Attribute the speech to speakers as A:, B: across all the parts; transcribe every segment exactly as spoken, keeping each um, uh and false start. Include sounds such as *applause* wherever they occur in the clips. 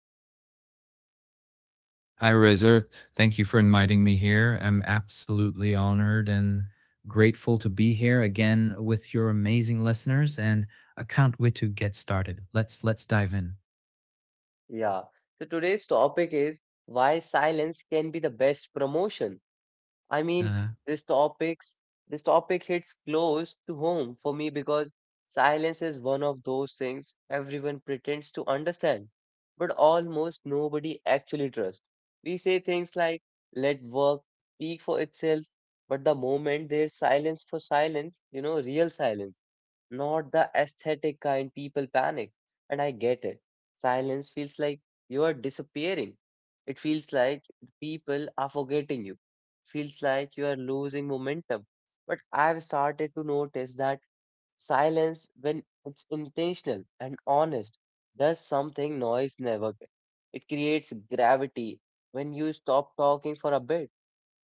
A: Saf. Hi, Saf.
B: Hi, Razor. Thank you for inviting me here. I'm absolutely honored and grateful to be here again with your amazing listeners, and I can't wait to get started. Let's let's dive in.
A: Yeah. So, today's topic is why silence can be the best promotion. I mean,
B: Uh,
A: this topics this topic hits close to home for me because silence is one of those things everyone pretends to understand, but almost nobody actually trusts. We say things like let work speak for itself, but the moment there's silence for silence, you know, real silence, not the aesthetic kind, people panic. And I get it. Silence feels like you are disappearing. It feels like people are forgetting you. Feels like you are losing momentum. But I've started to notice that silence, when it's intentional and honest, does something noise never can. It creates gravity when you stop talking for a bit.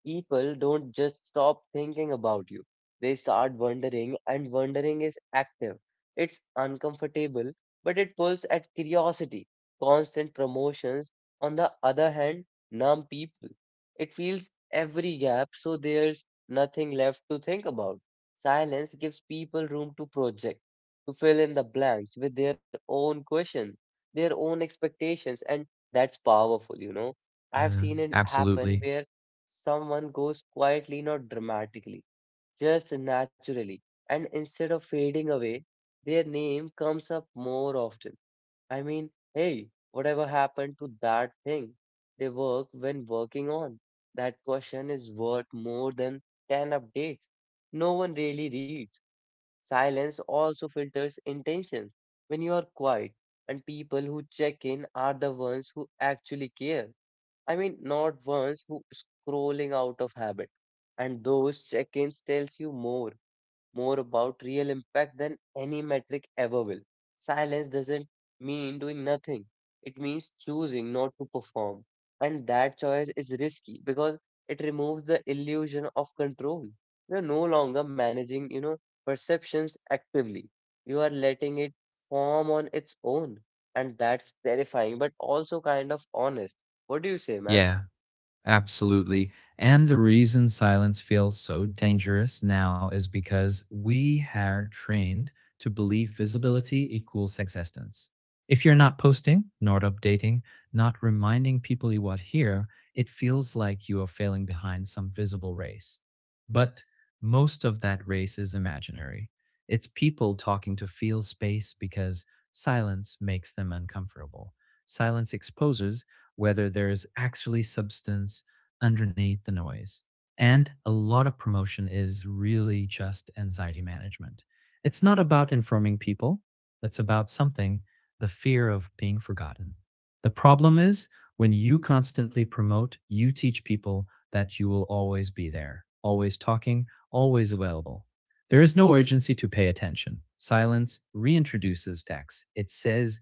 A: People don't just stop thinking about you. They start wondering, and wondering is active. It's uncomfortable, but it pulls at curiosity. Constant promotions, on the other hand, numb people. It fills every gap, so there's nothing left to think about. Silence gives people room to project, to fill in the blanks with their own questions, their own expectations, and that's powerful, you know. I've
B: uh,
A: seen it happen
B: absolutely.
A: where someone goes quietly, not dramatically, just naturally. And instead of fading away, their name comes up more often. I mean, hey, whatever happened to that thing they work when working on? That question is worth more than ten updates. No one really reads. Silence also filters intentions. When you are quiet, and people who check in are the ones who actually care. I mean, not ones who scrolling out of habit. And those check-ins tells you more, more about real impact than any metric ever will. Silence doesn't mean doing nothing. It means choosing not to perform. And that choice is risky because it removes the illusion of control. You're no longer managing, you know, perceptions actively. You are letting it form on its own. And that's terrifying, but also kind of honest. What do you say, man?
B: Yeah. Absolutely. And the reason silence feels so dangerous now is because we are trained to believe visibility equals existence. If you're not posting, not updating, not reminding people you are here, it feels like you are failing behind some visible race. But most of that race is imaginary. It's people talking to fill space because silence makes them uncomfortable. Silence exposes whether there's actually substance underneath the noise. And a lot of promotion is really just anxiety management. It's not about informing people, it's about something, the fear of being forgotten. The problem is when you constantly promote, you teach people that you will always be there, always talking, always available. There is no urgency to pay attention. Silence reintroduces text. It says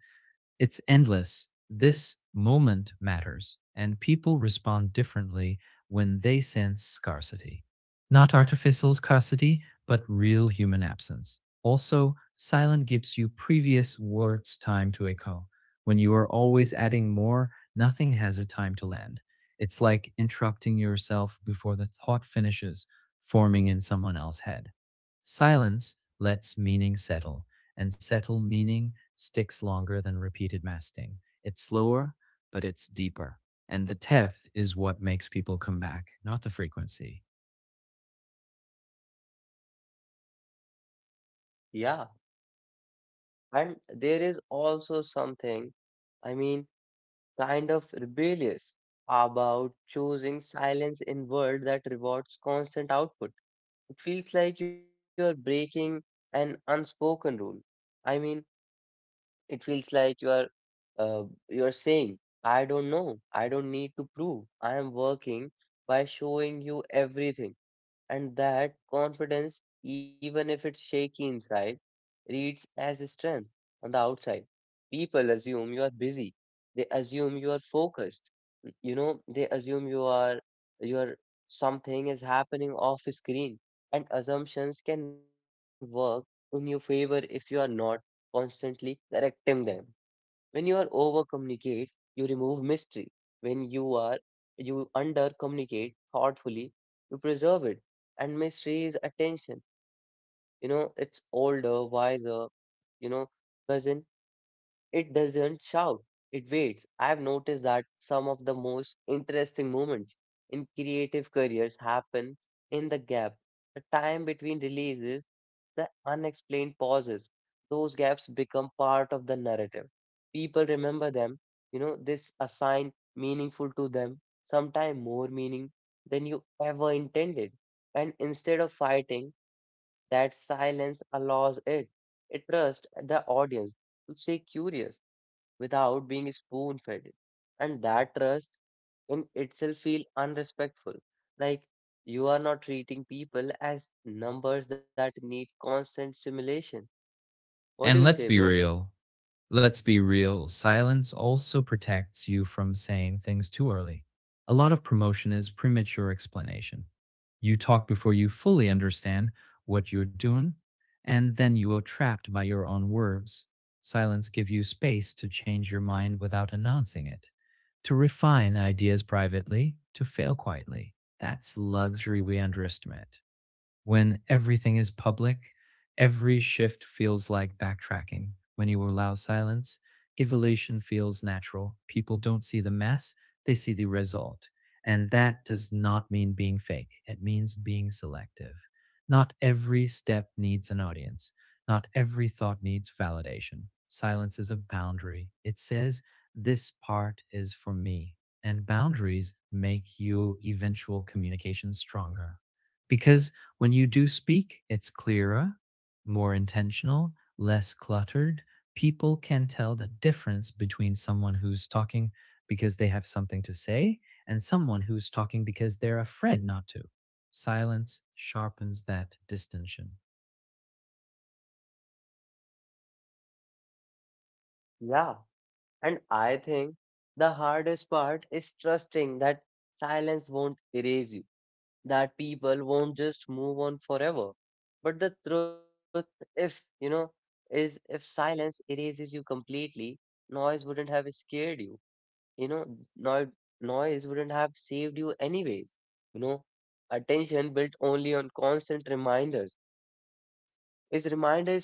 B: it's endless. This moment matters, and people respond differently when they sense scarcity. Not artificial scarcity, but real human absence. Also, silence gives you previous words time to echo. When you are always adding more, nothing has a time to land. It's like interrupting yourself before the thought finishes, forming in someone else's head. Silence lets meaning settle and settle meaning sticks longer than repeated masting. It's slower, but it's deeper. And the depth is what makes people come back, not the frequency.
A: Yeah. And there is also something, I mean, kind of rebellious about choosing silence in world that rewards constant output. It feels like you are breaking an unspoken rule. I mean, it feels like you are uh, you're saying, I don't know, I don't need to prove, I am working by showing you everything. And that confidence, even if it's shaky inside, reads as strength on the outside. People assume you are busy. They assume you are focused. You know, they assume you are, you are, something is happening off screen. And assumptions can work in your favor if you are not constantly correcting them. When you are over communicate, you remove mystery. When you are you under communicate thoughtfully, you preserve it. And mystery is attention. You know, it's older, wiser, you know, cousin. It doesn't shout, it waits. I've noticed that some of the most interesting moments in creative careers happen in the gap, the time between releases, the unexplained pauses. Those gaps become part of the narrative. People remember them, you know, this assign meaningful to them, sometimes more meaning than you ever intended. And instead of fighting, that silence allows it. It trusts the audience to stay curious without being spoon fed. And that trust in itself feel unrespectful. Like you are not treating people as numbers that need constant stimulation. What do you
B: And
A: say,
B: let's be
A: bro?
B: real. Let's be real. Silence also protects you from saying things too early. A lot of promotion is premature explanation. You talk before you fully understand what you're doing, and then you are trapped by your own words. Silence gives you space to change your mind without announcing it, to refine ideas privately, to fail quietly. That's luxury we underestimate when everything is public, every shift feels like backtracking. When you allow silence, evolution feels natural. People don't see the mess, they see the result. And that does not mean being fake, it means being selective. Not every step needs an audience, not every thought needs validation. Silence is a boundary. It says, this part is for me. And boundaries make your eventual communication stronger. Because when you do speak, it's clearer, more intentional, less cluttered. People can tell the difference between someone who's talking because they have something to say and someone who's talking because they're afraid not to. Silence sharpens that distinction.
A: Yeah. And I think the hardest part is trusting that silence won't erase you, that people won't just move on forever. But the truth, if you know, is if silence erases you completely, noise wouldn't have scared you. You know, noise noise wouldn't have saved you anyways. You know, attention built only on constant reminders. Is reminder is fragile.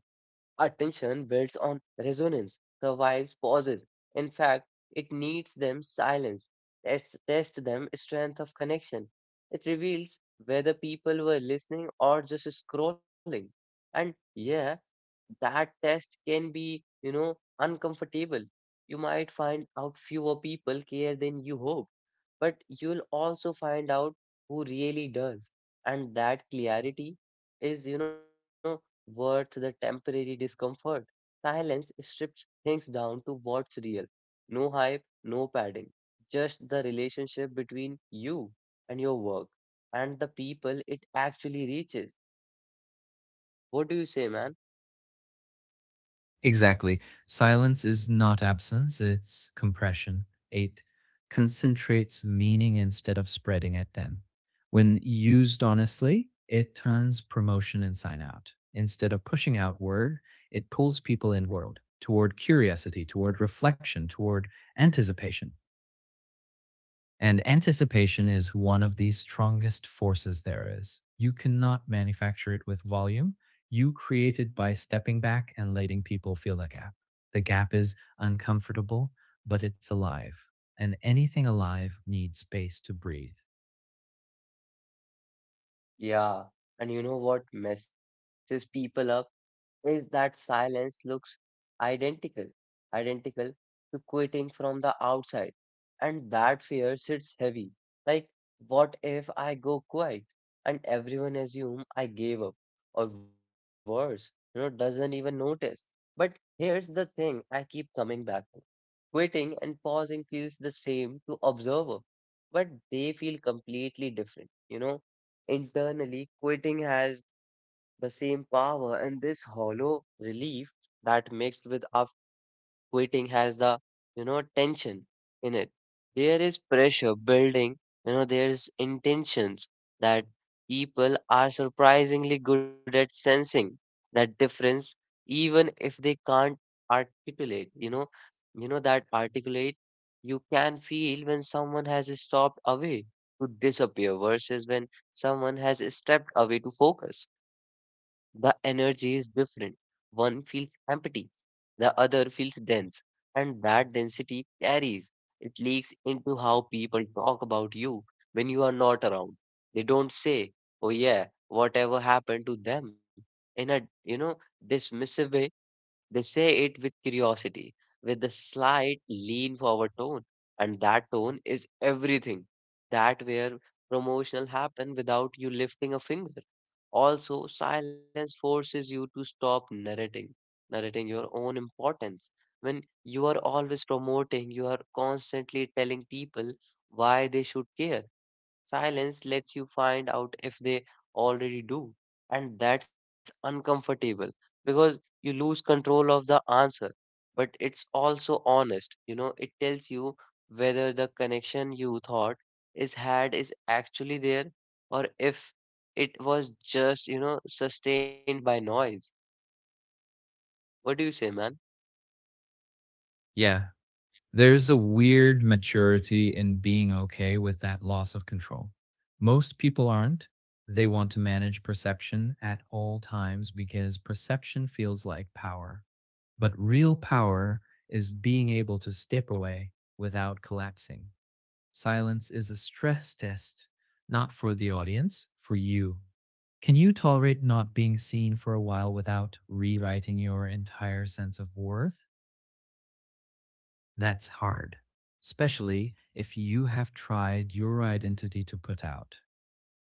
A: Attention builds on resonance, survives pauses. In fact, it needs them silence, tests, test them strength of connection. It reveals whether people were listening or just scrolling. And yeah, that test can be, you know, uncomfortable. You might find out fewer people care than you hope, but you'll also find out who really does. And that clarity is, you know, worth the temporary discomfort. Silence strips things down to what's real. No hype, no padding, just the relationship between you and your work and the people it actually reaches. What do you say, man?
B: Exactly. Silence is not absence, it's compression. eight. Concentrates meaning instead of spreading it thin. When used honestly, it turns promotion inside out. Instead of pushing outward, it pulls people inward toward curiosity, toward reflection, toward anticipation. And anticipation is one of the strongest forces there is. You cannot manufacture it with volume. You create it by stepping back and letting people feel the gap. The gap is uncomfortable, but it's alive. And anything alive needs space to breathe.
A: Yeah, and you know what messes people up is that silence looks identical, identical to quitting from the outside. And that fear sits heavy. Like, what if I go quiet and everyone assume I gave up? Or worse, you know, doesn't even notice. But here's the thing I keep coming back. Quitting and pausing feels the same to observer, but they feel completely different. You know, internally, quitting has the same power and this hollow relief that mixed with quitting has the you know tension in it, there is pressure building, you know there's intentions that people are surprisingly good at sensing that difference even if they can't articulate, you know you know that articulate, you can feel when someone has stopped away to disappear versus when someone has stepped away to focus, the energy is different, one feels empty, the other feels dense, and that density carries. It leaks into how people talk about you when you are not around. They don't say, "Oh yeah, whatever happened to them," in a you know dismissive way. They say it with curiosity, with a slight lean forward tone, and that tone is everything. That where promotional happen without you lifting a finger. Also, silence forces you to stop narrating, narrating your own importance. When you are always promoting, you are constantly telling people why they should care. Silence lets you find out if they already do. And that's uncomfortable because you lose control of the answer. But it's also honest. You know, it tells you whether the connection you thought is had is actually there or if it was just, you know, sustained by noise. What do you say, man?
B: Yeah, there's a weird maturity in being okay with that loss of control. Most people aren't. They want to manage perception at all times because perception feels like power. But real power is being able to step away without collapsing. Silence is a stress test, not for the audience, for you. Can you tolerate not being seen for a while without rewriting your entire sense of worth? That's hard, especially if you have tried your identity to put out.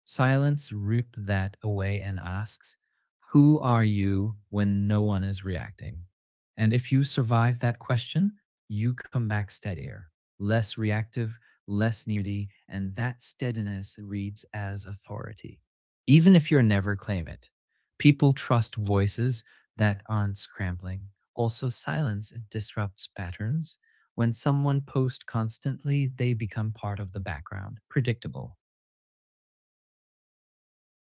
B: Silence ripped that away and asks, who are you when no one is reacting? And if you survive that question, you come back steadier, less reactive, less needy, and that steadiness reads as authority. Even if you're never claim it, people trust voices that aren't scrambling. Also, silence disrupts patterns. When someone posts constantly, they become part of the background, predictable,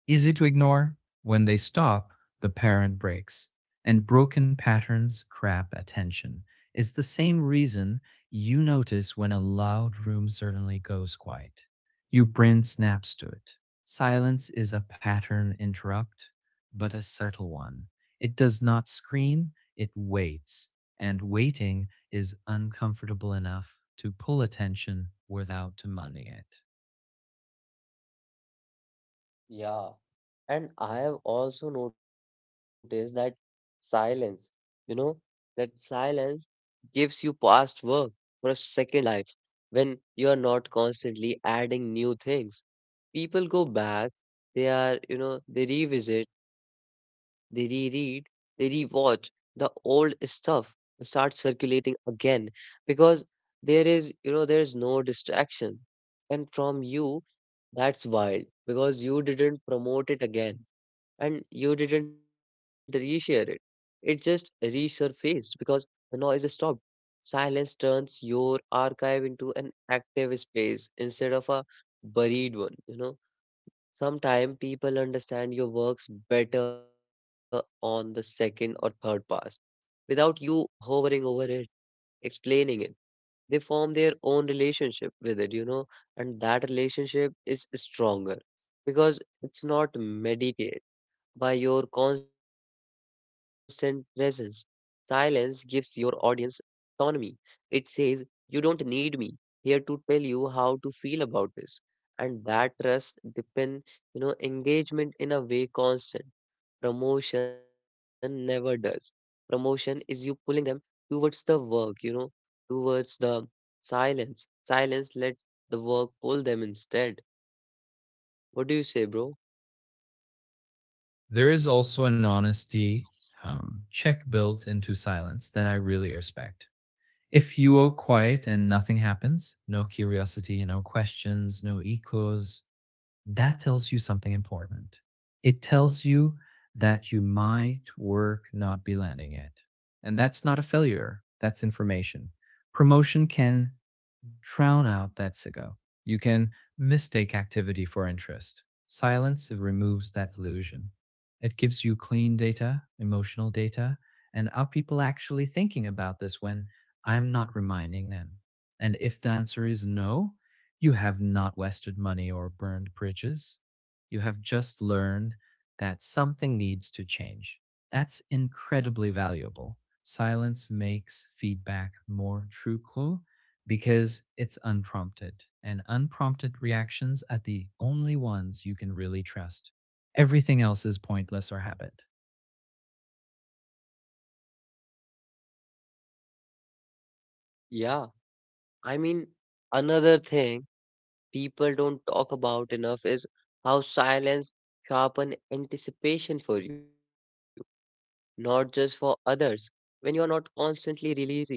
B: easy to ignore. When they stop, the parent breaks. And broken patterns crap attention. It's the same reason you notice when a loud room suddenly goes quiet. Your brain snaps to it. Silence is a pattern interrupt, but a subtle one. It does not scream, it waits. And waiting is uncomfortable enough to pull attention without demanding it.
A: Yeah, and I have also noticed that silence, you know, that silence gives you past work for a second life when you are not constantly adding new things. People go back, they are, you know, they revisit, they reread, they rewatch. The old stuff start circulating again because there is, you know, there is no distraction. And from you, that's wild because you didn't promote it again and you didn't reshare it. It just resurfaced because the noise stopped. Silence turns your archive into an active space instead of a buried one, you know. Sometimes people understand your works better on the second or third pass without you hovering over it, explaining it. They form their own relationship with it, you know, and that relationship is stronger because it's not meditative by your constant presence. Silence gives your audience autonomy. It says, you don't need me here to tell you how to feel about this. And that trust depend, you know, engagement in a way constant. Promotion never does. Promotion is you pulling them towards the work, you know, towards the silence. Silence lets the work pull them instead. What do you say, bro?
B: There is also an honesty um, check built into silence that I really respect. If you are quiet and nothing happens, no curiosity, no questions, no echoes, that tells you something important. It tells you that you might work not be landing it. And that's not a failure, that's information. Promotion can drown out that sicko. You can mistake activity for interest. Silence removes that illusion. It gives you clean data, emotional data, and are people actually thinking about this when I'm not reminding them? And if the answer is no, you have not wasted money or burned bridges. You have just learned that something needs to change. That's incredibly valuable. Silence makes feedback more truthful because it's unprompted. And unprompted reactions are the only ones you can really trust. Everything else is pointless or habit.
A: Yeah. I mean, another thing people don't talk about enough is how silence sharpen anticipation for you, not just for others, when you are not constantly releasing it.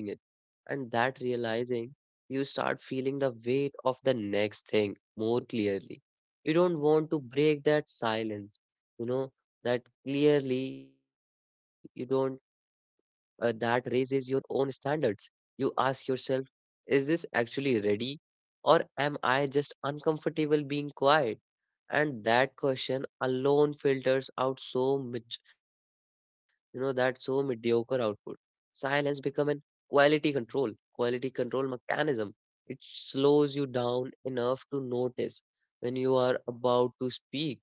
A: And that realizing, you start feeling the weight of the next thing more clearly. You don't want to break that silence, you know, that clearly you don't uh, that raises your own standards. You ask yourself, is this actually ready? Or am I just uncomfortable being quiet? And that question alone filters out so much, you know, that so mediocre output. Silence become an quality control, quality control mechanism. It slows you down enough to notice when you are about to speak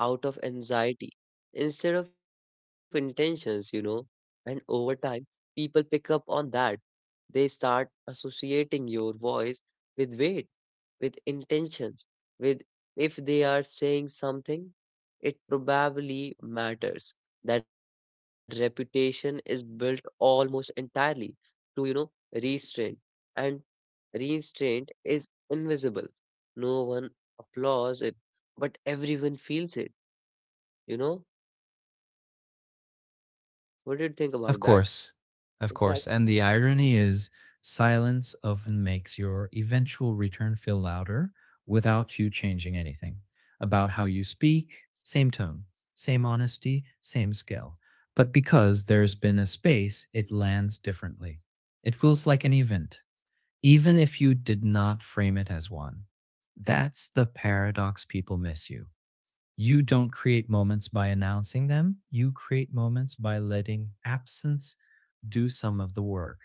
A: out of anxiety instead of intentions, you know and over time, people pick up on that. They start associating your voice with weight, with intentions, with if they are saying something, it probably matters. That reputation is built almost entirely through, you know, restraint. And restraint is invisible. No one applauds it, but everyone feels it, you know? What do you think about that?
B: Of course,
A: In fact,
B: of course. And the irony is, silence often makes your eventual return feel louder without you changing anything about how you speak, same tone, same honesty, same skill. But because there's been a space, it lands differently. It feels like an event, even if you did not frame it as one. That's the paradox people miss you. You don't create moments by announcing them. You create moments by letting absence do some of the work.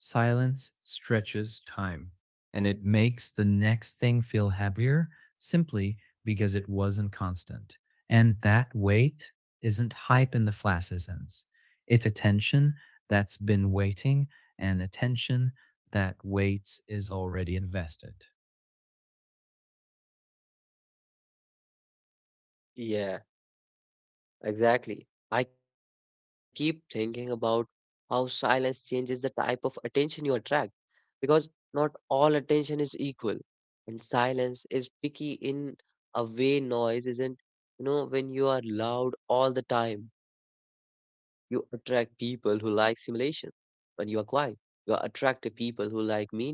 B: Silence stretches time and it makes the next thing feel heavier simply because it wasn't constant. And that weight isn't hype in the flaccid sense. It's attention that's been waiting and attention that waits is already invested.
A: yeah. Exactly. I keep thinking about how silence changes the type of attention you attract because not all attention is equal. And silence is picky in a way noise isn't. You know, when you are loud all the time, you attract people who like stimulation. When you are quiet, you are attractive people who like meaning,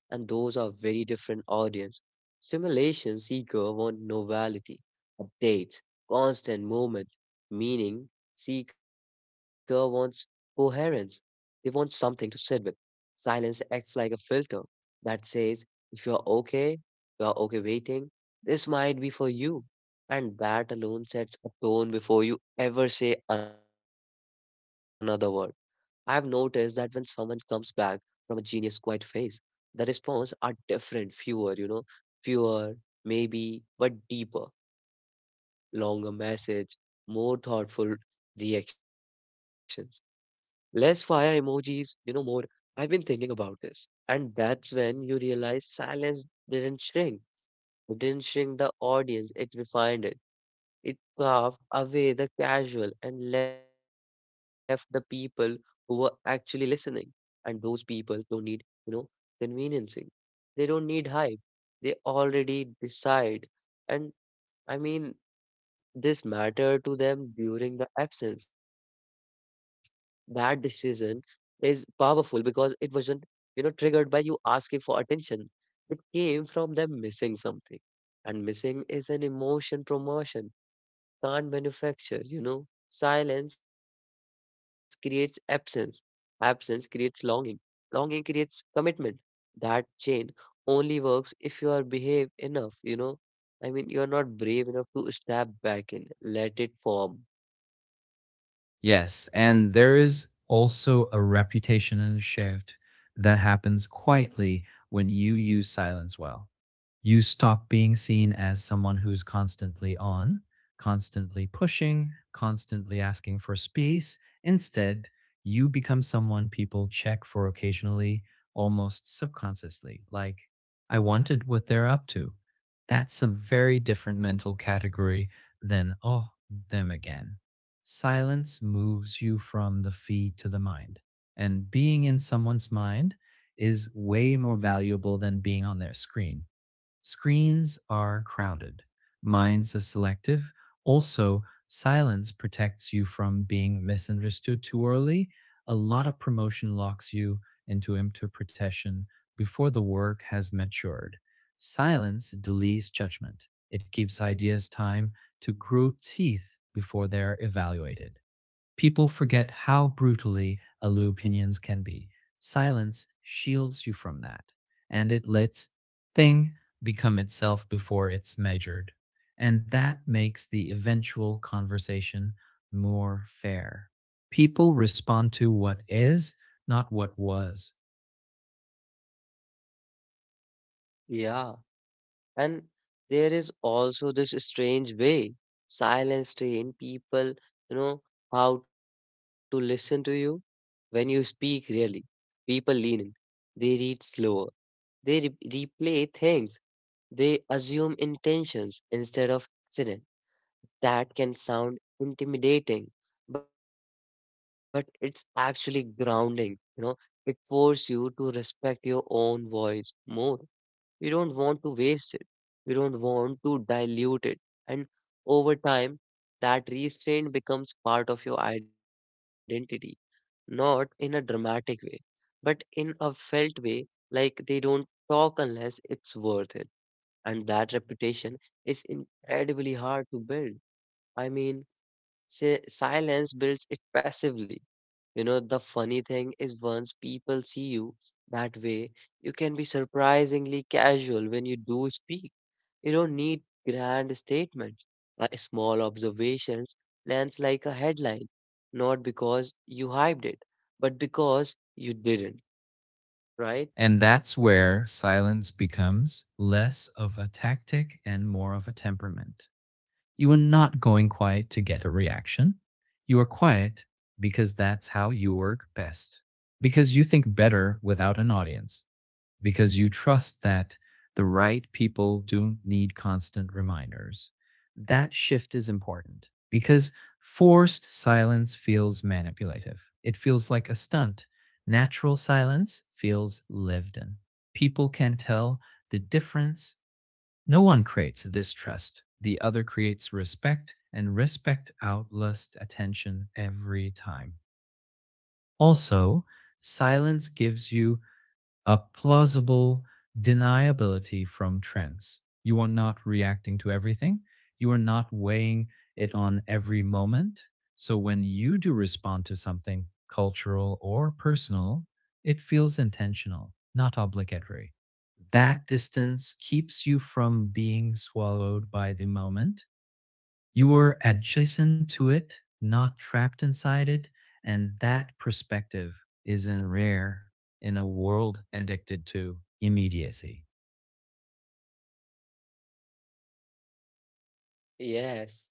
A: and those are very different audience. Stimulation seeker want novelty, updates, constant movement. Meaning seeker wants coherence. They want something to sit with. Silence acts like a filter that says if you're okay, you're okay waiting, this might be for you. And that alone sets a tone before you ever say another word. I've noticed that when someone comes back from a genius quiet phase, the response are different, fewer, you know, fewer, maybe, but deeper, longer message, more thoughtful reactions, less fire emojis, you know, more. I've been thinking about this. And that's when you realize silence didn't shrink. It didn't shrink the audience, it refined it it carved away the casual and left the people who were actually listening. And those people don't need, you know, conveniencing. They don't need hype. They already decide. And I mean, this matter to them during the absence. That decision is powerful because it wasn't, you know, triggered by you asking for attention. It came from them missing something. And missing is an emotion promotion can't manufacture, you know. Silence creates absence. Absence creates longing. Longing creates commitment. That chain only works if you are behave enough, you know. I mean, you are not brave enough to step back and let it form.
B: Yes, and there is also a reputational shift that happens quietly when you use silence well. You stop being seen as someone who's constantly on, constantly pushing, constantly asking for space. Instead, you become someone people check for occasionally, almost subconsciously, like, I wanted what they're up to. That's a very different mental category than, oh, them again. Silence moves you from the feed to the mind. And being in someone's mind is way more valuable than being on their screen. Screens are crowded. Minds are selective. Also, silence protects you from being misunderstood too early. A lot of promotion locks you into interpretation before the work has matured. Silence delays judgment. It gives ideas time to grow teeth before they're evaluated. People forget how brutally aloof opinions can be. Silence shields you from that, and it lets thing become itself before it's measured. And that makes the eventual conversation more fair. People respond to what is, not what was.
A: Yeah. And there is also this strange way silence train people, you know, how to listen to you. When you speak rarely, people lean in, they read slower, they re- replay things, they assume intentions instead of accident. That can sound intimidating, but it's actually grounding, you know, it forces you to respect your own voice more we don't want to waste it. We don't want to dilute it. And over time, that restraint becomes part of your identity, not in a dramatic way, but in a felt way, like they don't talk unless it's worth it. And that reputation is incredibly hard to build. I mean, Say, silence builds it passively. You know, the funny thing is once people see you that way, you can be surprisingly casual when you do speak. You don't need grand statements. Uh, small observations lands like a headline, not because you hyped it, but because you didn't, right?
B: And that's where silence becomes less of a tactic and more of a temperament. You are not going quiet to get a reaction. You are quiet because that's how you work best. Because you think better without an audience. Because you trust that the right people don't need constant reminders. That shift is important because forced silence feels manipulative. It feels like a stunt. Natural silence feels lived in. People can tell the difference no one creates distrust. The other creates respect, and respect outlusts attention every time. Also, silence gives you a plausible deniability from trends. You are not reacting to everything. You are not weighing it on every moment. So when you do respond to something cultural or personal, it feels intentional, not obligatory. That distance keeps you from being swallowed by the moment you are adjacent to it, not trapped inside it. And that perspective isn't rare in a world addicted to immediacy.
A: Yes,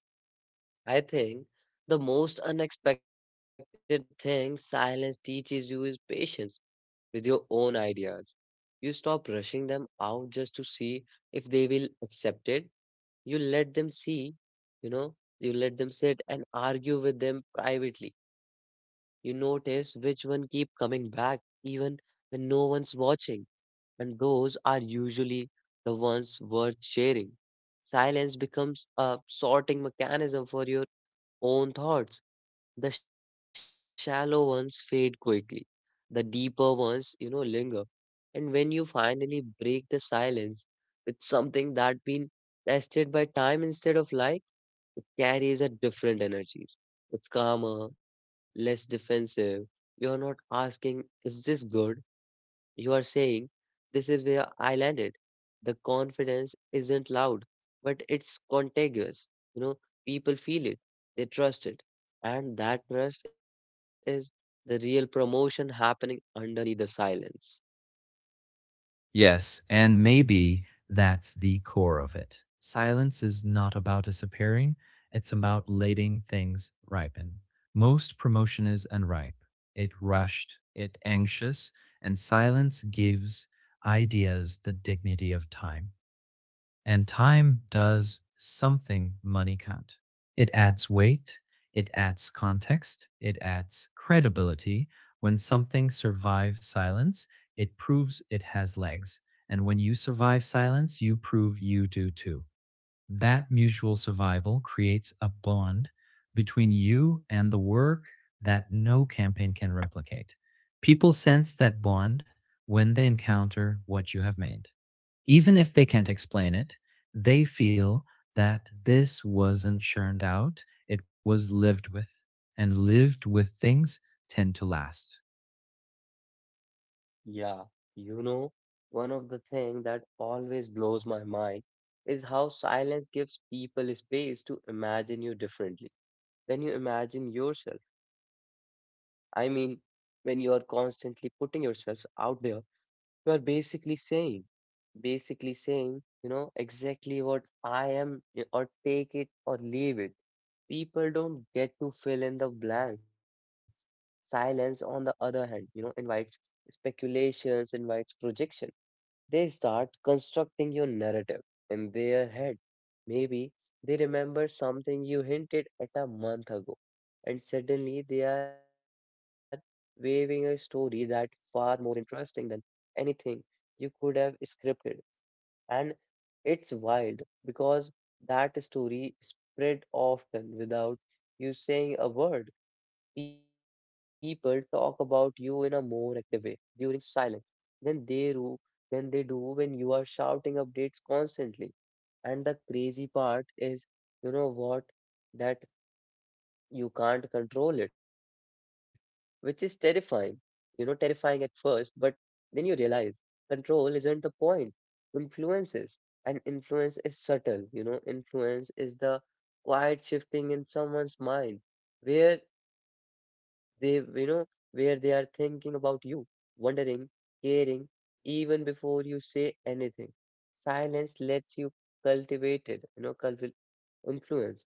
A: I think the most unexpected thing silence teaches you is patience with your own ideas. You stop rushing them out just to see if they will accept it. You let them see, you know, you let them sit and argue with them privately. You notice which one keep coming back even when no one's watching, and those are usually the ones worth sharing. Silence becomes a sorting mechanism for your own thoughts. The shallow ones fade quickly. The deeper ones, you know, linger. And when you finally break the silence with something that been tested by time instead of life, it carries a different energy. It's calmer, less defensive. You're not asking, is this good? You are saying, this is where I landed. The confidence isn't loud, but it's contagious. You know, people feel it, they trust it. And that trust is the real promotion happening underneath the silence.
B: Yes, and maybe that's the core of it. Silence is not about disappearing, it's about letting things ripen. Most promotion is unripe, it rushed, it anxious, and silence gives ideas the dignity of time. And time does something money can't. It adds weight, it adds context, it adds credibility. When something survives silence, it proves it has legs. And when you survive silence, you prove you do too. That mutual survival creates a bond between you and the work that no campaign can replicate. People sense that bond when they encounter what you have made even if they can't explain it, they feel that this wasn't churned out, it was lived with. And lived with things tend to last.
A: Yeah, you know, one of the things that always blows my mind is how silence gives people space to imagine you differently than you imagine yourself. I mean, when you are constantly putting yourself out there you are basically saying, basically saying, you know, exactly what I am, y- or take it or leave it. People don't get to fill in the blanks. Silence, on the other hand, you know, invites speculations, invites projection. They start constructing your narrative in their head. Maybe they remember something you hinted at a month ago, and suddenly they are waving a story that far more interesting than anything you could have scripted. And it's wild because that story spread often without you saying a word. People talk about you in a more active way during silence than they do than they do when you are shouting updates constantly. And the crazy part is, you know what, that you can't control it, which is terrifying. You know, terrifying at first, but then you realize control isn't the point. Influence is, and influence is subtle. You know, influence is the quiet shifting in someone's mind where they, you know, where they are thinking about you, wondering, caring, even before you say anything. Silence lets you cultivate it, you know, cultivate influence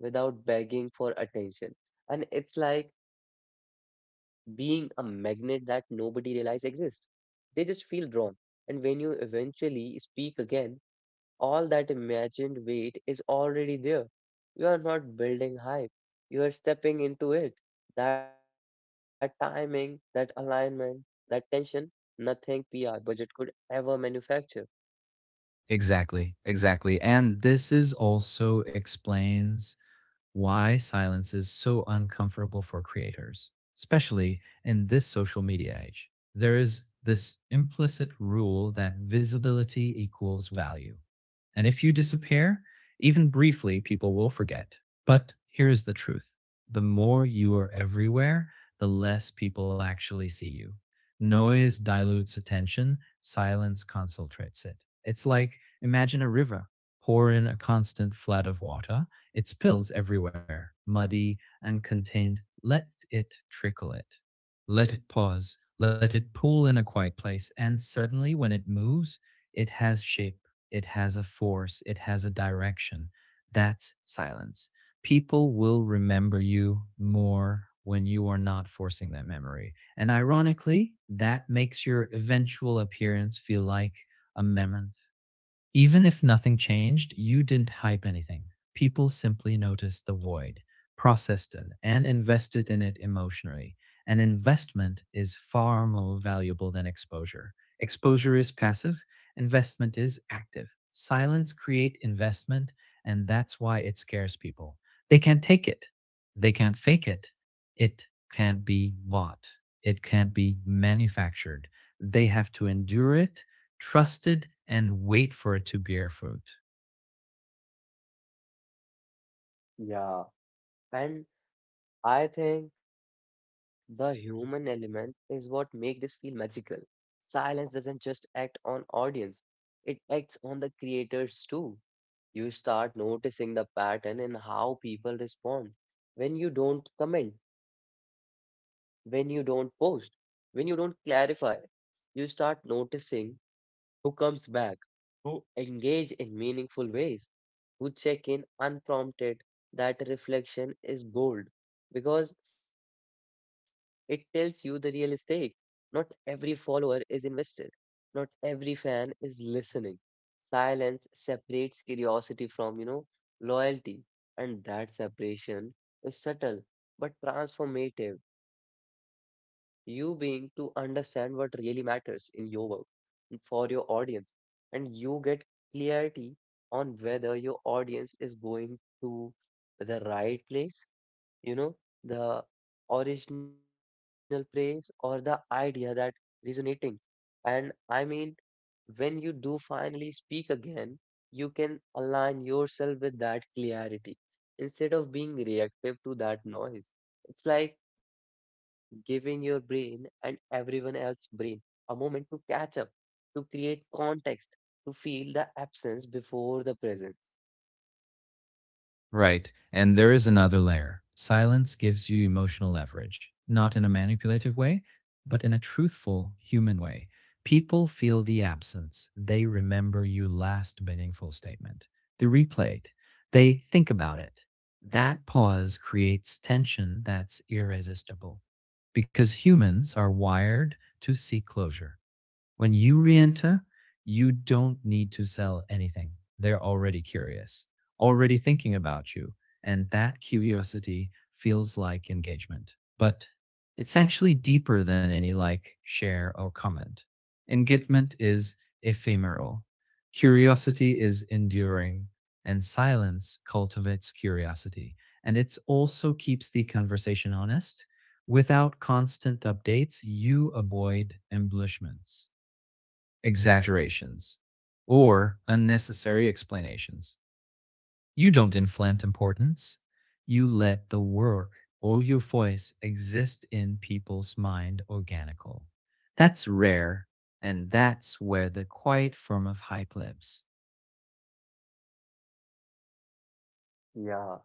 A: without begging for attention. And it's like being a magnet that nobody realizes exists. They just feel drawn. And when you eventually speak again, all that imagined weight is already there. You are not building hype, you are stepping into it. That timing, that alignment, that tension, nothing P R budget could ever manufacture.
B: Exactly, exactly. And this is also explains why silence is so uncomfortable for creators, especially in this social media age. There is this implicit rule that visibility equals value. And if you disappear, even briefly, people will forget. But here's the truth the more you are everywhere, the less people actually see you. Noise dilutes attention, silence concentrates it. It's like imagine a river, pour in a constant flood of water it spills everywhere, muddy and contained. Let it trickle it. Let it pause. Let it pool in a quiet place. And suddenly, when it moves, it has shape, it has a force, it has a direction. That's silence. People will remember you more when you are not forcing that memory. And ironically, that makes your eventual appearance feel like a mammoth even if nothing changed, you didn't hype anything. People simply noticed the void, processed it, and invested in it emotionally. An investment is far more valuable than exposure. Exposure is passive, investment is active. Silence creates investment, and that's why it scares people. They can't take it. They can't fake it. It can't be bought. It can't be manufactured. They have to endure it trusted and wait for it to bear fruit.
A: Yeah, and I think the human element is what make this feel magical. Silence doesn't just act on audience, it acts on the creators too. You start noticing the pattern in how people respond. When you don't comment, when you don't post, when you don't clarify, you start noticing who comes back, engage in meaningful ways, who check in unprompted. That reflection is gold because it tells you the real stake. Not every follower is invested. Not every fan is listening. Silence separates curiosity from, you know, loyalty. And that separation is subtle but transformative. You being to understand what really matters in your work and for your audience. And you get clarity on whether your audience is going to the right place you know the original praise or the idea that resonating and i mean when you do finally speak again you can align yourself with that clarity instead of being reactive to that noise. It's like giving your brain and everyone else's brain a moment to catch up, to create context, to feel the absence before the presence.
B: Right. And there is another layer. Silence gives you emotional leverage, not in a manipulative way, but in a truthful, human way. People feel the absence. They remember your last meaningful statement. They replay it. They think about it. That pause creates tension that's irresistible because humans are wired to seek closure. When you re-enter, you don't need to sell anything. They're already curious, already thinking about you, and that curiosity feels like engagement. But it's actually deeper than any like, share, or comment. Engagement is ephemeral. Curiosity is enduring, and silence cultivates curiosity. And it also keeps the conversation honest. Without constant updates, you avoid embellishments exaggerations, or unnecessary explanations. You don't inflate importance. You let the work or your voice exist in people's mind organically. That's rare, and that's where the quiet form of hype lives.
A: Yeah,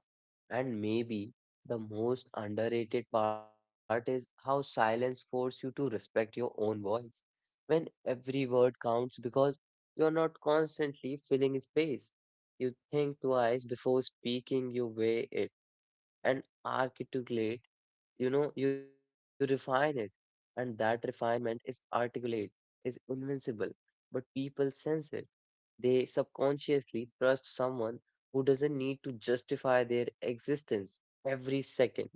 A: and maybe the most underrated part is how silence forces you to respect your own voice. When every word counts because you're not constantly filling space. You think twice before speaking, you weigh it and articulate, you know, you refine it. And that refinement is articulate, is invincible, but people sense it. They subconsciously trust someone who doesn't need to justify their existence every second.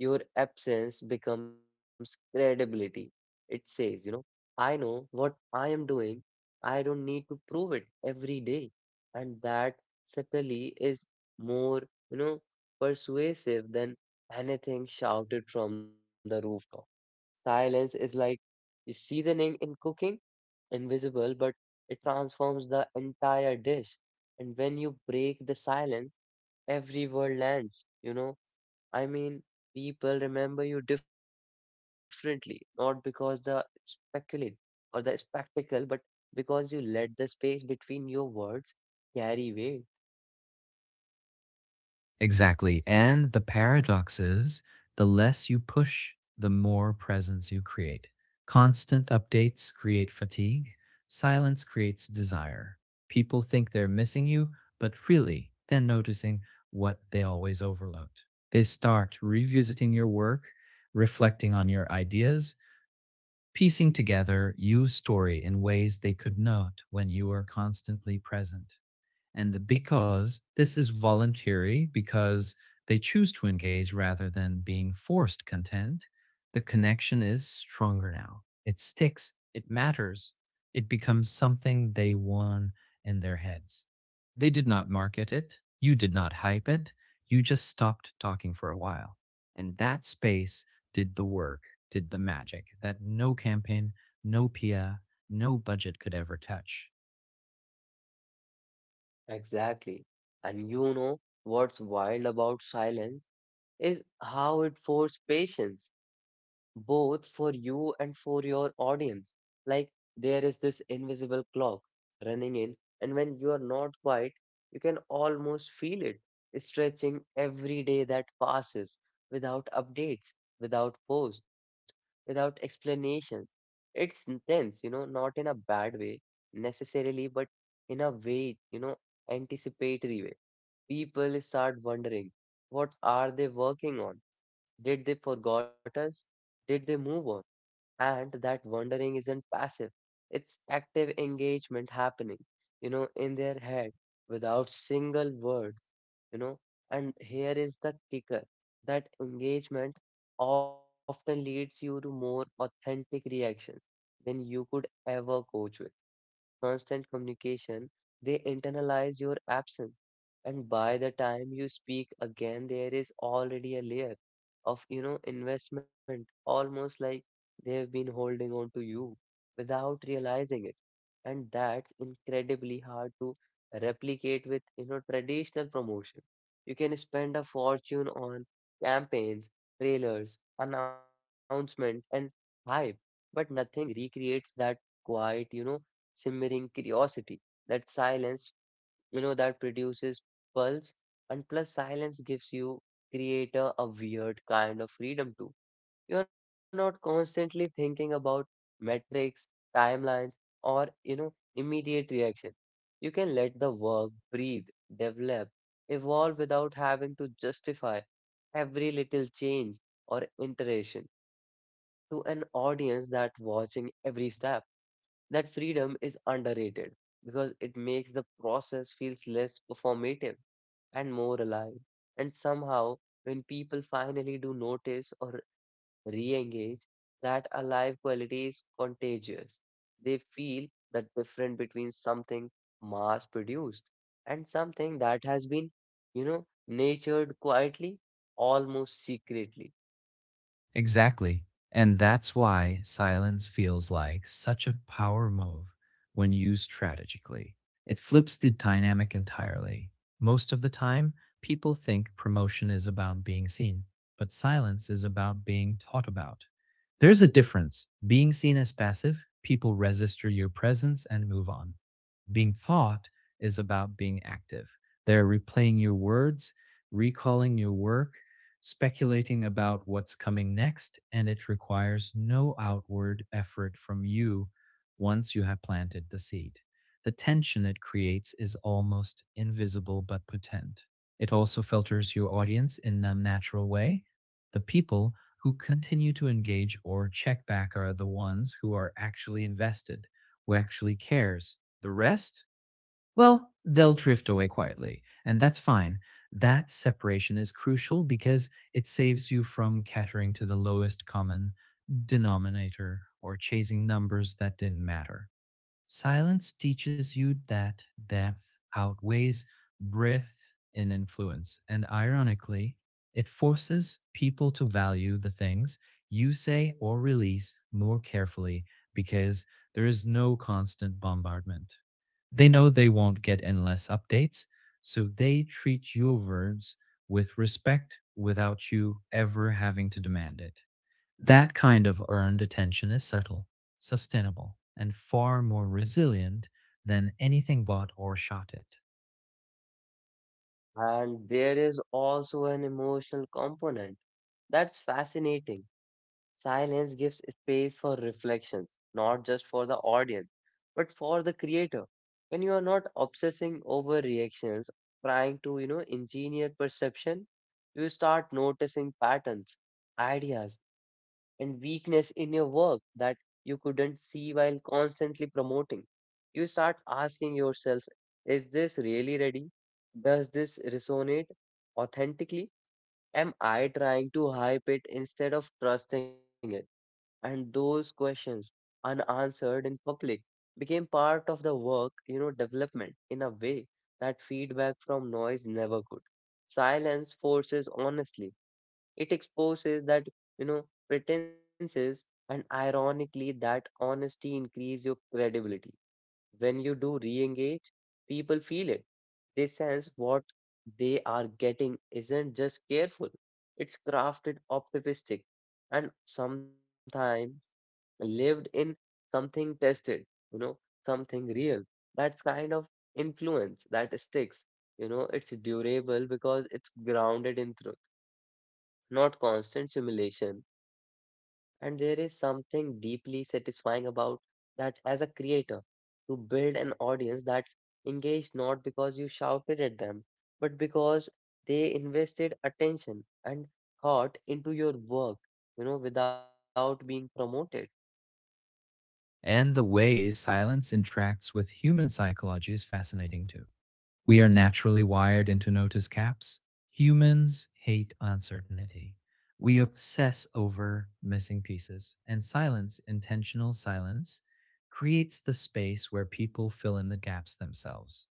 A: Your absence becomes credibility. It says, you know, I know what I am doing. I don't need to prove it every day. And that subtly is more, you know, persuasive than anything shouted from the rooftop. Silence is like seasoning in cooking invisible, but it transforms the entire dish. And when you break the silence, every word lands, you know. I mean, people remember you differently, not because the speculate or the spectacle, but because you let the space between your words carry weight.
B: Exactly. And the paradox is the less you push, the more presence you create. Constant updates create fatigue, silence creates desire. People think they're missing you, but really, they're noticing what they always overlooked. They start revisiting your work, reflecting on your ideas, piecing together your story in ways they could not when you were constantly present. And the because this is voluntary, because they choose to engage rather than being forced content, the connection is stronger now. It sticks, it matters, it becomes something they won in their heads. They did not market it, you did not hype it, you just stopped talking for a while. And that space did the work, did the magic that no campaign, no P R, no budget could ever touch.
A: Exactly. And you know what's wild about silence is how it forces patience, both for you and for your audience. Like there is this invisible clock running in, and when you are not quiet, you can almost feel it stretching every day that passes without updates, without posts, without explanations. It's intense, you know, not in a bad way necessarily, but in a way, you know anticipatory way. People start wondering, what are they working on? Did they forgot us? Did they move on? And that wondering isn't passive. It's active engagement happening, you know, in their head without single word, you know. And here is the kicker. That engagement often leads you to more authentic reactions than you could ever coach with constant communication, they internalize your absence. And by the time you speak again, there is already a layer of, you know, investment, almost like they have been holding on to you without realizing it. And that's incredibly hard to replicate with, you know, traditional promotion. You can spend a fortune on campaigns, trailers, announcements, and hype, but nothing recreates that quiet, you know, simmering curiosity. That silence, you know, that produces pulse, and plus silence gives you creator a weird kind of freedom too. You are not constantly thinking about metrics, timelines, or you know, immediate reaction. You can let the work breathe, develop, evolve without having to justify every little change or iteration to an audience that watching every step. That freedom is underrated because it makes the process feels less performative and more alive. And somehow, when people finally do notice or re-engage, that alive quality is contagious. They feel that difference between something mass-produced and something that has been, you know, nurtured quietly, almost secretly.
B: Exactly. And that's why silence feels like such a power move when used strategically. It flips the dynamic entirely. Most of the time, people think promotion is about being seen, but silence is about being taught about. There's a difference. Being seen as passive, people register your presence and move on. Being thought is about being active. They're replaying your words, recalling your work, speculating about what's coming next, and it requires no outward effort from you once you have planted the seed. The tension it creates is almost invisible but potent. It also filters your audience in a natural way. The people who continue to engage or check back are the ones who are actually invested, who actually cares, the rest? Well, they'll drift away quietly, and that's fine. That separation is crucial because it saves you from catering to the lowest common denominator or chasing numbers that didn't matter. Silence teaches you that depth outweighs breadth in influence, and ironically, it forces people to value the things you say or release more carefully because there is no constant bombardment. They know they won't get endless updates, so they treat your words with respect without you ever having to demand it. That kind of earned attention is subtle, sustainable, and far more resilient than anything bought or shot at.
A: And there is also an emotional component that's fascinating. Silence gives space for reflections, not just for the audience, but for the creator. When you are not obsessing over reactions, trying to, you know, engineer perception, you start noticing patterns, ideas, and weakness in your work that you couldn't see while constantly promoting. You start asking yourself, is this really ready? Does this resonate authentically? Am I trying to hype it instead of trusting it? And those questions, unanswered in public, became part of the work, you know, development in a way that feedback from noise never could. Silence forces honestly. It exposes that, you know, pretenses, and ironically, that honesty increase your credibility. When you do re-engage, people feel it. They sense what they are getting isn't just careful. It's crafted, optimistic, and sometimes lived in something tested, you know, something real. That's kind of influence that sticks. You know, it's durable because it's grounded in truth not constant simulation. And there is something deeply satisfying about that as a creator to build an audience that's engaged not because you shouted at them, but because they invested attention and thought into your work, you know, without being promoted.
B: And the way silence interacts with human psychology is fascinating too. We are naturally wired into notice caps. Humans hate uncertainty. We obsess over missing pieces, and silence, intentional silence, creates the space where people fill in the gaps themselves.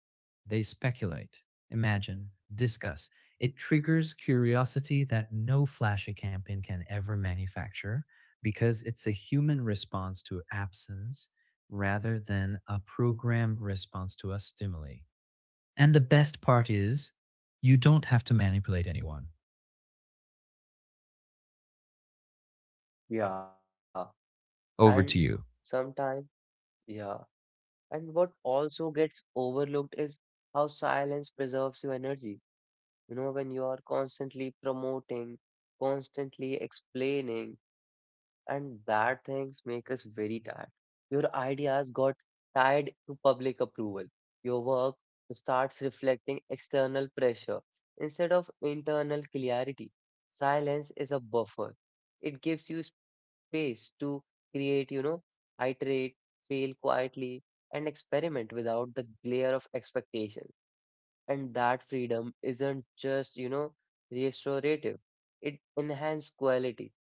B: They speculate, imagine, discuss. It triggers curiosity that no flashy campaign can ever manufacture because it's a human response to absence rather than a programmed response to a stimuli. And the best part is, you don't have to manipulate anyone.
A: Yeah. And
B: Over to you.
A: sometimes, yeah. And what also gets overlooked is how silence preserves your energy. You know, when you are constantly promoting, constantly explaining, and that things make us very tired. Your ideas got tied to public approval. Your work starts reflecting external pressure instead of internal clarity. Silence is a buffer. It gives you space to create, you know, iterate, fail quietly, and experiment without the glare of expectation. And that freedom isn't just, you know, restorative, it enhances quality.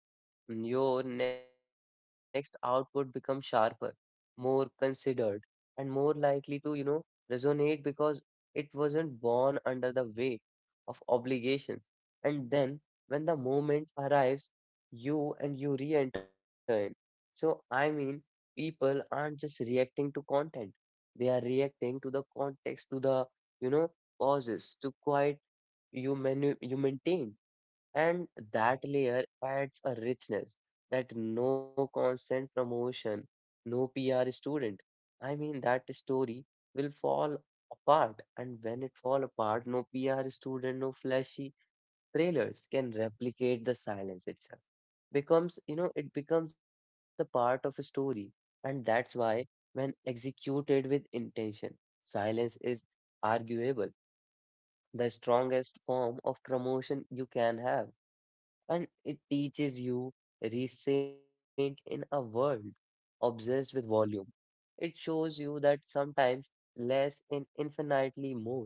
A: Mm, your next output becomes sharper, more considered, and more likely to, you know, resonate because it wasn't born under the weight of obligations. And then, when the moment arrives, you and you re-enter in. So, I mean, people aren't just reacting to content; they are reacting to the context, to the, you know, pauses, to quiet you manu- you maintain. And that layer adds a richness that no constant promotion, no P R student. I mean, that story will fall apart. And when it fall apart, no P R student, no flashy trailers can replicate the silence itself. Becomes, you know, it becomes a part of a story. And that's why when executed with intention, silence is arguable, the strongest form of promotion you can have and it teaches you restraint in a world obsessed with volume. It shows you that sometimes less and infinitely more,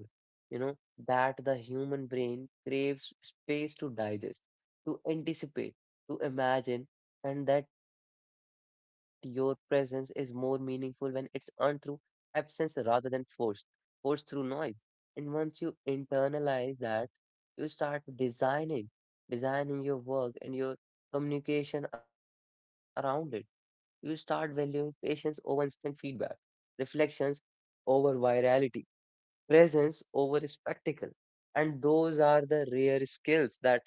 A: you know, that the human brain craves space to digest, to anticipate, to imagine, and that your presence is more meaningful when it's earned through absence rather than forced, forced through noise. And once you internalize that, you start designing designing your work and your communication around it. You start valuing patience over instant feedback, reflections over virality, presence over spectacle. And those are the rare skills that,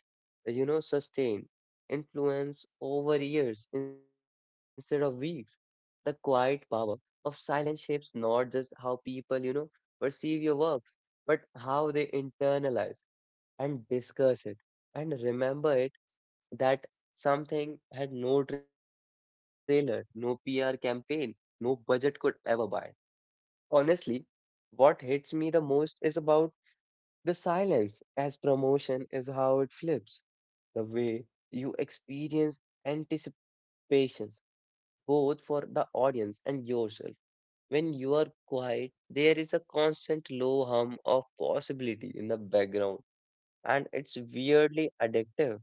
A: you know, sustain influence over years instead of weeks. The quiet power of silence shapes not just how people, you know, perceive your works, but how they internalize and discuss it and remember it that something had no trailer, no P R campaign, no budget could ever buy. Honestly, what hits me the most is about the silence, as promotion is how it flips, the way you experience anticipations, both for the audience and yourself. When you are quiet, there is a constant low hum of possibility in the background, and it's weirdly addictive.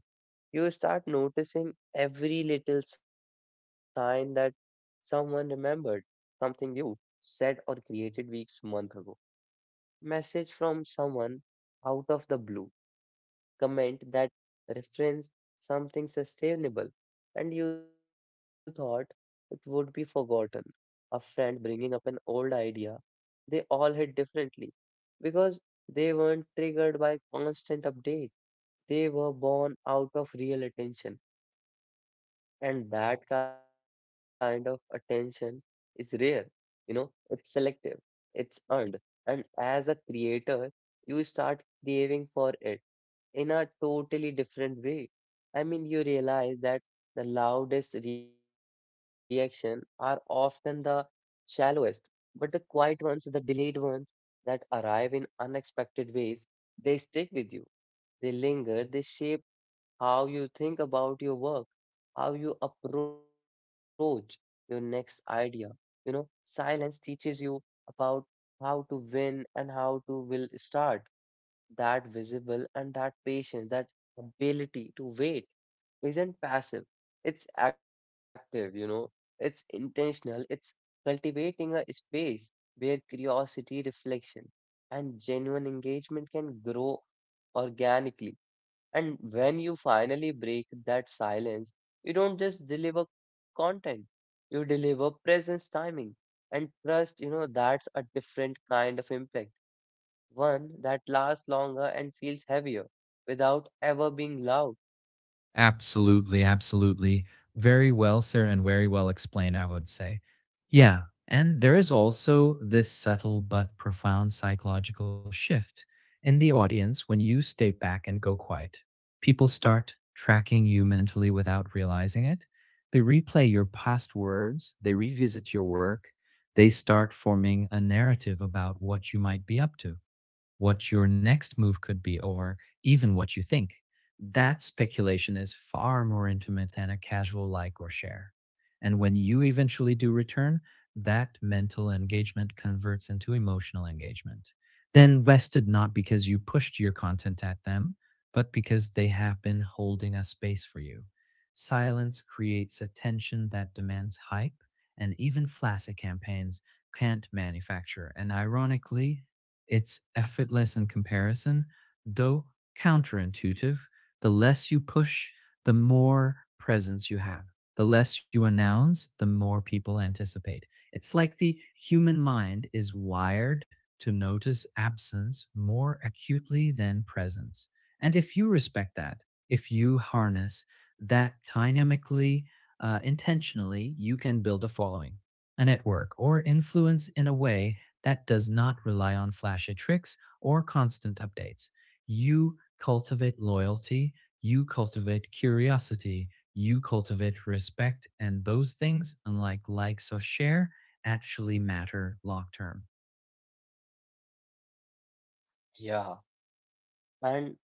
A: You start noticing every little sign that someone remembered something you said or created weeks, months ago. Message from someone out of the blue, comment that reference something sustainable, and you thought it would be forgotten. A friend bringing up an old idea, they all hit differently because they weren't triggered by constant update. They were born out of real attention. And that kind of attention is rare, you know, it's selective, it's earned. And as a creator, you start craving for it in a totally different way. I mean, you realize that the loudest reaction are often the shallowest, but the quiet ones, the delayed ones that arrive in unexpected ways, they stick with you, they linger, they shape how you think about your work, how you approach your next idea. You know, silence teaches you about how to win and how to will start that visible and that patience, that ability to wait isn't passive. It's active, you know, it's intentional, it's cultivating a space where curiosity, reflection, and genuine engagement can grow organically and when you finally break that silence, you don't just deliver content, you deliver presence, timing, and trust. You know, that's a different kind of impact, one that lasts longer and feels heavier without ever being loud.
B: Absolutely, absolutely. Very well, sir, and very well explained, I would say. Yeah, and there is also this subtle but profound psychological shift in the audience when you stay back and go quiet. People start tracking you mentally without realizing it. They replay your past words, they revisit your work, they start forming a narrative about what you might be up to, what your next move could be, or even what you think. That speculation is far more intimate than a casual like or share. And when you eventually do return, that mental engagement converts into emotional engagement. Then vested not because you pushed your content at them, but because they have been holding a space for you. Silence creates a tension that demands hype, and even flaccid campaigns can't manufacture. And ironically, it's effortless in comparison, though counterintuitive. The less you push, the more presence you have. The less you announce, the more people anticipate. It's like the human mind is wired to notice absence more acutely than presence. And if you respect that, if you harness that dynamically, uh, intentionally, you can build a following, a network, or influence in a way that does not rely on flashy tricks or constant updates. You cultivate loyalty, you cultivate curiosity, you cultivate respect, and those things, unlike likes or share, actually matter long term.
A: Yeah. And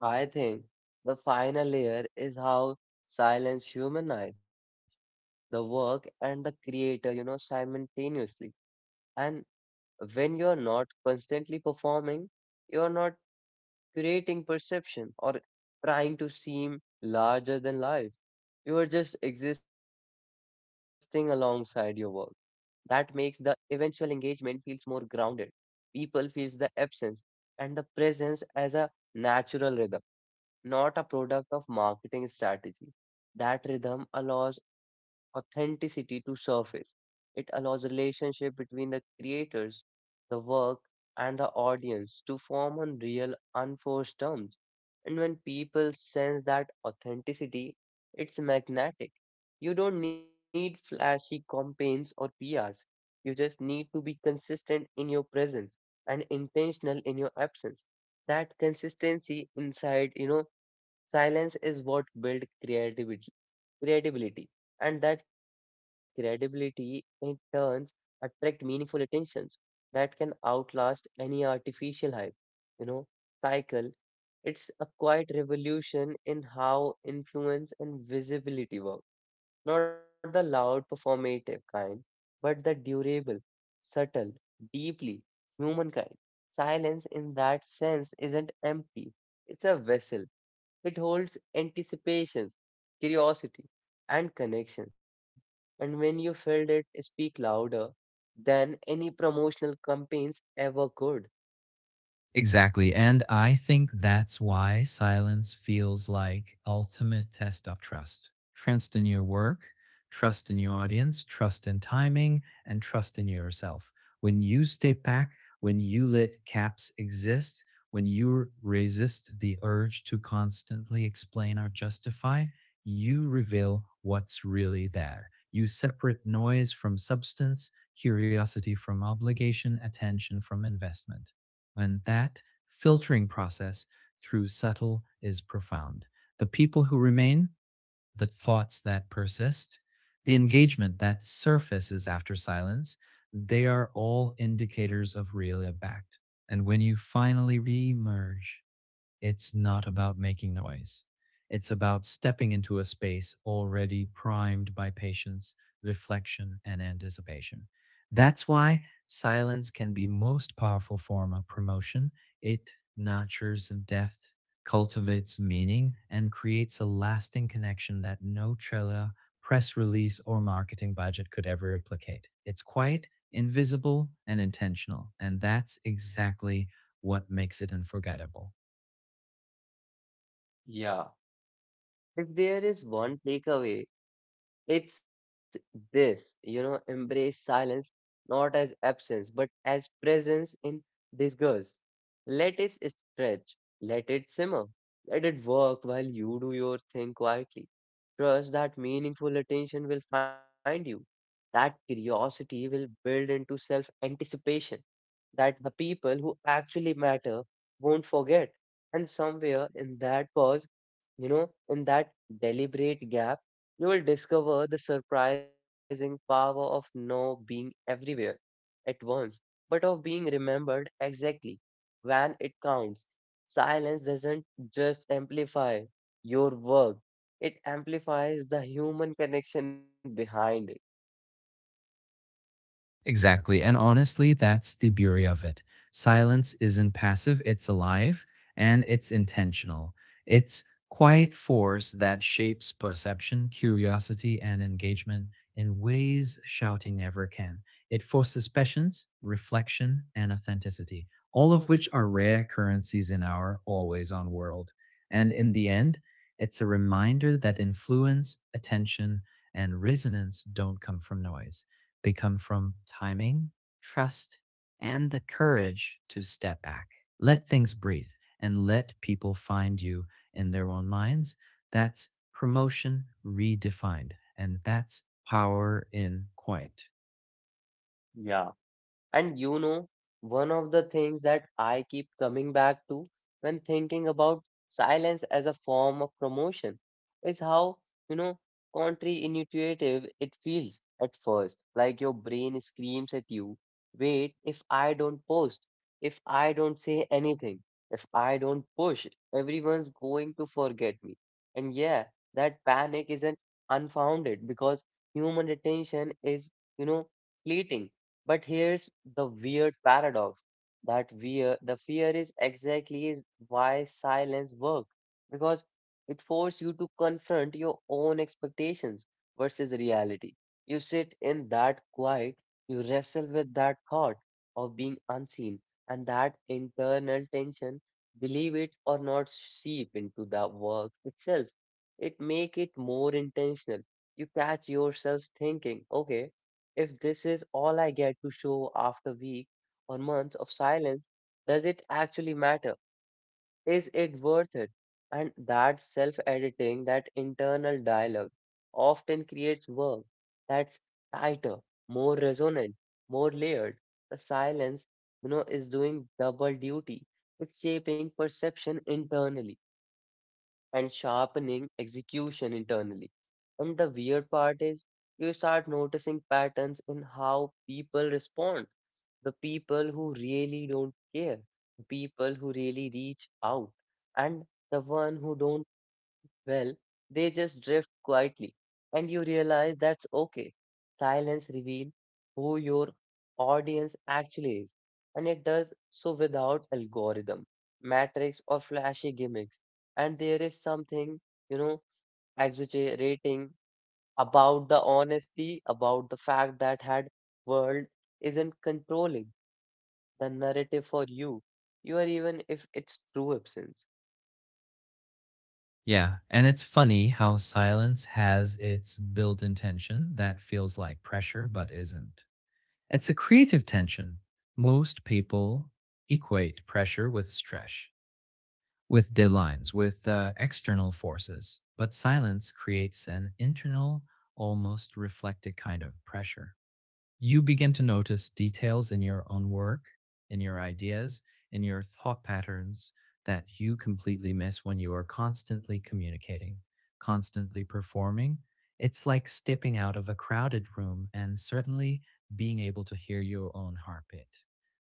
A: I think the final layer is how silence humanizes the work and the creator, you know, simultaneously. And when you're not constantly performing, you're not curating perception, or trying to seem larger than life. You are just existing alongside your work. That makes the eventual engagement feels more grounded. People feels the absence and the presence as a natural rhythm not a product of marketing strategy. That rhythm allows authenticity to surface. It allows a relationship between the creators, the work, and the audience to form on real, unforced terms. And when people sense that authenticity, it's magnetic. You don't need flashy campaigns or P Rs. You just need to be consistent in your presence and intentional in your absence that consistency inside you know silence is what builds creativity, creativity, and that creativity in turns attract meaningful attentions that can outlast any artificial hype. You know, cycle. It's a quiet revolution in how influence and visibility work. Not the loud performative kind, but the durable, subtle, deeply human kind. Silence in that sense isn't empty. It's a vessel it holds anticipation, curiosity, and connection. And when you felt it speak louder than any promotional campaigns ever could.
B: Exactly. And I think that's why silence feels like ultimate test of trust. Trust in your work, trust in your audience, trust in timing, and trust in yourself. When you step back, when you let gaps exist, when you resist the urge to constantly explain or justify, you reveal what's really there. You separate noise from substance, curiosity from obligation, attention from investment and that filtering process through subtle is profound. The people who remain, the thoughts that persist, the engagement that surfaces after silence, they are all indicators of real impact. And when you finally re-emerge it's not about making noise. It's about stepping into a space already primed by patience, reflection, and anticipation. That's why silence can be most powerful form of promotion. It nurtures depth, cultivates meaning, and creates a lasting connection that no trailer, press release, or marketing budget could ever replicate. It's quiet, invisible, and intentional, and that's exactly what makes it unforgettable.
A: Yeah. If there is one takeaway it's this, you know, embrace silence not as absence but as presence in disguise. Let it stretch, let it simmer, let it work while you do your thing quietly. Trust that meaningful attention will find you, that curiosity will build into self anticipation that the people who actually matter won't forget. And somewhere in that pause, you know, in that deliberate gap, you will discover the surprising power of no being everywhere at once, but of being remembered exactly when it counts. Silence doesn't just amplify your work, it amplifies the human connection behind it.
B: Exactly. And honestly, that's the beauty of it. Silence isn't passive, it's alive and it's intentional. It's quiet force that shapes perception, curiosity, and engagement in ways shouting never can. It forces patience, reflection, and authenticity, all of which are rare currencies in our always on world. And in the end, it's a reminder that influence, attention, and resonance don't come from noise they come from timing, trust, and the courage to step back. Let things breathe and let people find you in their own minds. That's promotion redefined. And that's power in quiet.
A: Yeah. And you know, one of the things that I keep coming back to when thinking about silence as a form of promotion is how, you know, counterintuitive it feels at first. Like your brain screams at you, wait, if I don't post, if I don't say anything, if I don't push, everyone's going to forget me. And yeah, that panic isn't unfounded because human attention is, you know, fleeting but here's the weird paradox that fear, the fear is exactly is why silence works because it forces you to confront your own expectations versus reality. You sit in that quiet, you wrestle with that thought of being unseen, and that internal tension, believe it or not, seep into the work itself. It make it more intentional. You catch yourself thinking, okay. If this is all I get to show after weeks or months of silence, does it actually matter? Is it worth it? And that self editing, that internal dialogue, often creates work that's tighter, more resonant, more layered. The silence, you know, is doing double duty. It's shaping perception internally and sharpening execution internally. And the weird part is you start noticing patterns in how people respond. The people who really don't care, the people who really reach out, and the one who don't well, they just drift quietly, and you realize that's okay. Silence reveals who your audience actually is, and it does so without algorithm, matrix, or flashy gimmicks. And there is something, you know, exaggerating about the honesty, about the fact that had world isn't controlling the narrative for you. You are even if it's true absence.
B: Yeah. And it's funny how silence has its built in tension that feels like pressure but isn't. It's a creative tension. Most people equate pressure with stress, with deadlines, with uh, external forces, but silence creates an internal, almost reflected kind of pressure. You begin to notice details in your own work, in your ideas, in your thought patterns that you completely miss when you are constantly communicating, constantly performing. It's like stepping out of a crowded room and certainly being able to hear your own heartbeat.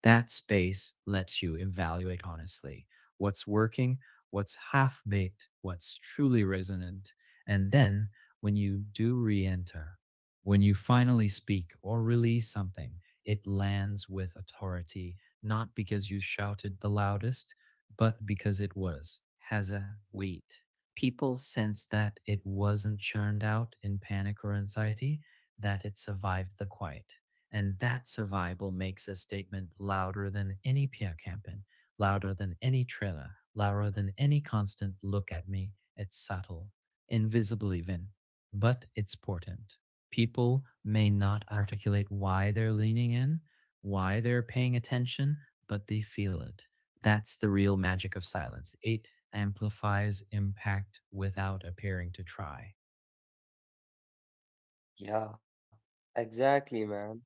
B: That space lets you evaluate honestly what's working, what's half baked, what's truly resonant. And then when you do re enter, when you finally speak or release something, it lands with authority, not because you shouted the loudest, but because it was, has a weight. People sense that it wasn't churned out in panic or anxiety, that it survived the quiet. And that survival makes a statement louder than any P R campaign, louder than any trailer, louder than any constant look at me. It's subtle, invisible even, but it's potent. People may not articulate why they're leaning in, why they're paying attention, but they feel it. That's the real magic of silence. It amplifies impact without appearing to try.
A: Yeah, exactly, man.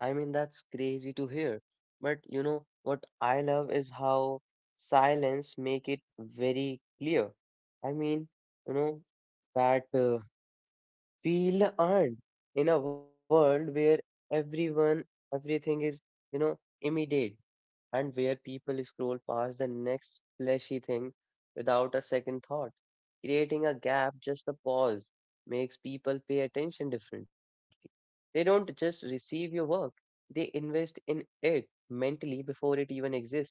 A: I mean, that's crazy to hear. But you know, what I love is how silence make it very clear. I mean, you know, that uh, feel earned in a world where everyone, everything is, you know, immediate and where people scroll past the next fleshy thing without a second thought. Creating a gap, just a pause, makes people pay attention differently. They don't just receive your work, they invest in it mentally before it even exists.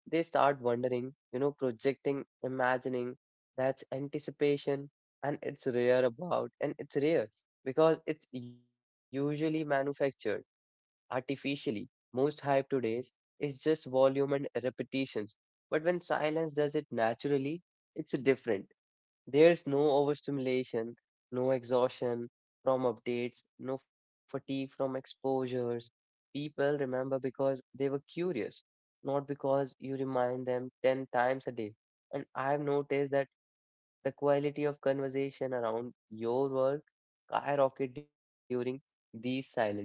A: They start wondering, you know, projecting, imagining. That's anticipation, and it's rare about, and it's rare because it's usually manufactured artificially. Most hype today is just volume and repetitions. But when silence does it naturally, it's different. There's no overstimulation, no exhaustion from updates, no fatigue from exposures. People remember because they were curious, not because you remind them ten times a day. And I've noticed that the quality of conversation around your work skyrocket during these silent phases.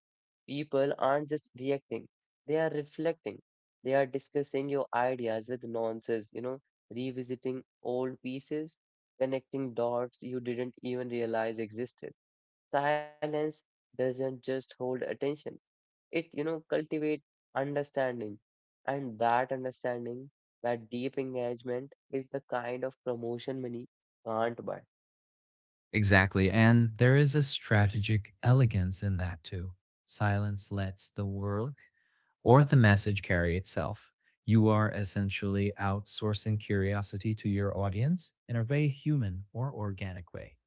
A: People aren't just reacting, they are reflecting. They are discussing your ideas with nonsense, you know, revisiting old pieces, connecting dots you didn't even realize existed. Silence doesn't just hold attention, it, you know, cultivate understanding. And that understanding, that deep engagement is the kind of promotion money can't buy.
B: Exactly. And there is a strategic elegance in that too. Silence lets the work or the message carry itself. You are essentially outsourcing curiosity to your audience in a very human or organic way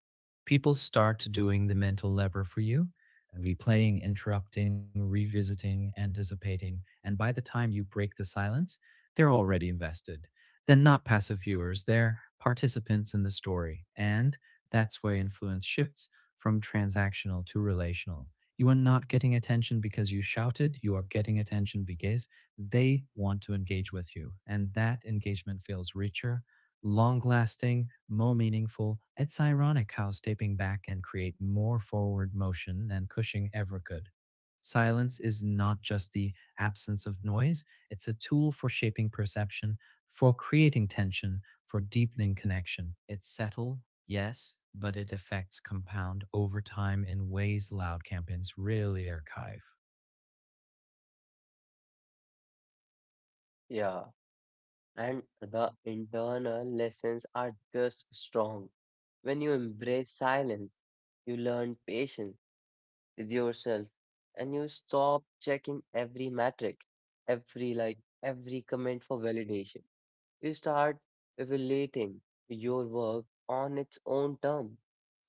B: people start doing the mental lever for you uh, replaying interrupting revisiting anticipating and by the time you break the silence they're already invested they're not passive viewers they're participants in the story and that's where influence shifts from transactional to relational you are not getting attention because you shouted you are getting attention because they want to engage with you and that engagement feels richer long lasting, more meaningful. It's ironic how stepping back can create more forward motion than Cushing ever could. Silence is not just the absence of noise, it's a tool for shaping perception, for creating tension, for deepening connection. It's subtle, yes, but it effects compound over time in ways loud campaigns rarely archive.
A: Yeah. And the internal lessons are just strong. When you embrace silence, you learn patience with yourself and you stop checking every metric, every like, every comment for validation. You start evaluating your work on its own term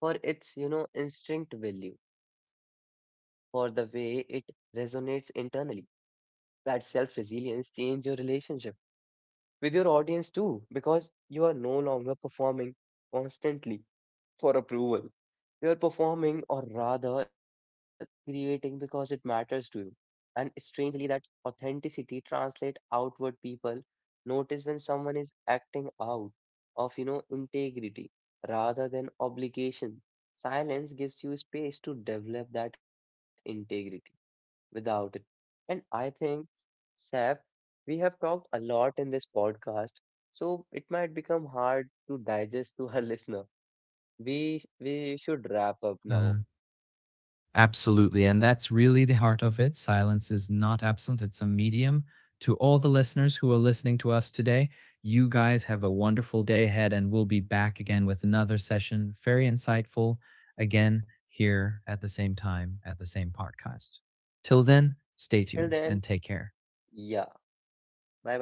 A: for its, you know, instinct value, for the way it resonates internally. That self resilience change your relationship with your audience too, because you are no longer performing constantly for approval. You are performing or rather creating because it matters to you. And strangely, that authenticity translates outward people notice when someone is acting out of, you know, integrity rather than obligation. Silence gives you space to develop that integrity without it. And I think, Saf, we have talked a lot in this podcast, so it might become hard to digest to our *laughs* listener. We we should wrap up
B: Uh,
A: now.
B: Absolutely. And that's really the heart of it. Silence is not absent, it's a medium. To all the listeners who are listening to us today, you guys have a wonderful day ahead, and we'll be back again with another session, very insightful, again here at the same time at the same podcast. Till then,
A: Till
B: stay
A: then,
B: tuned and take care.
A: yeah. Bye bye.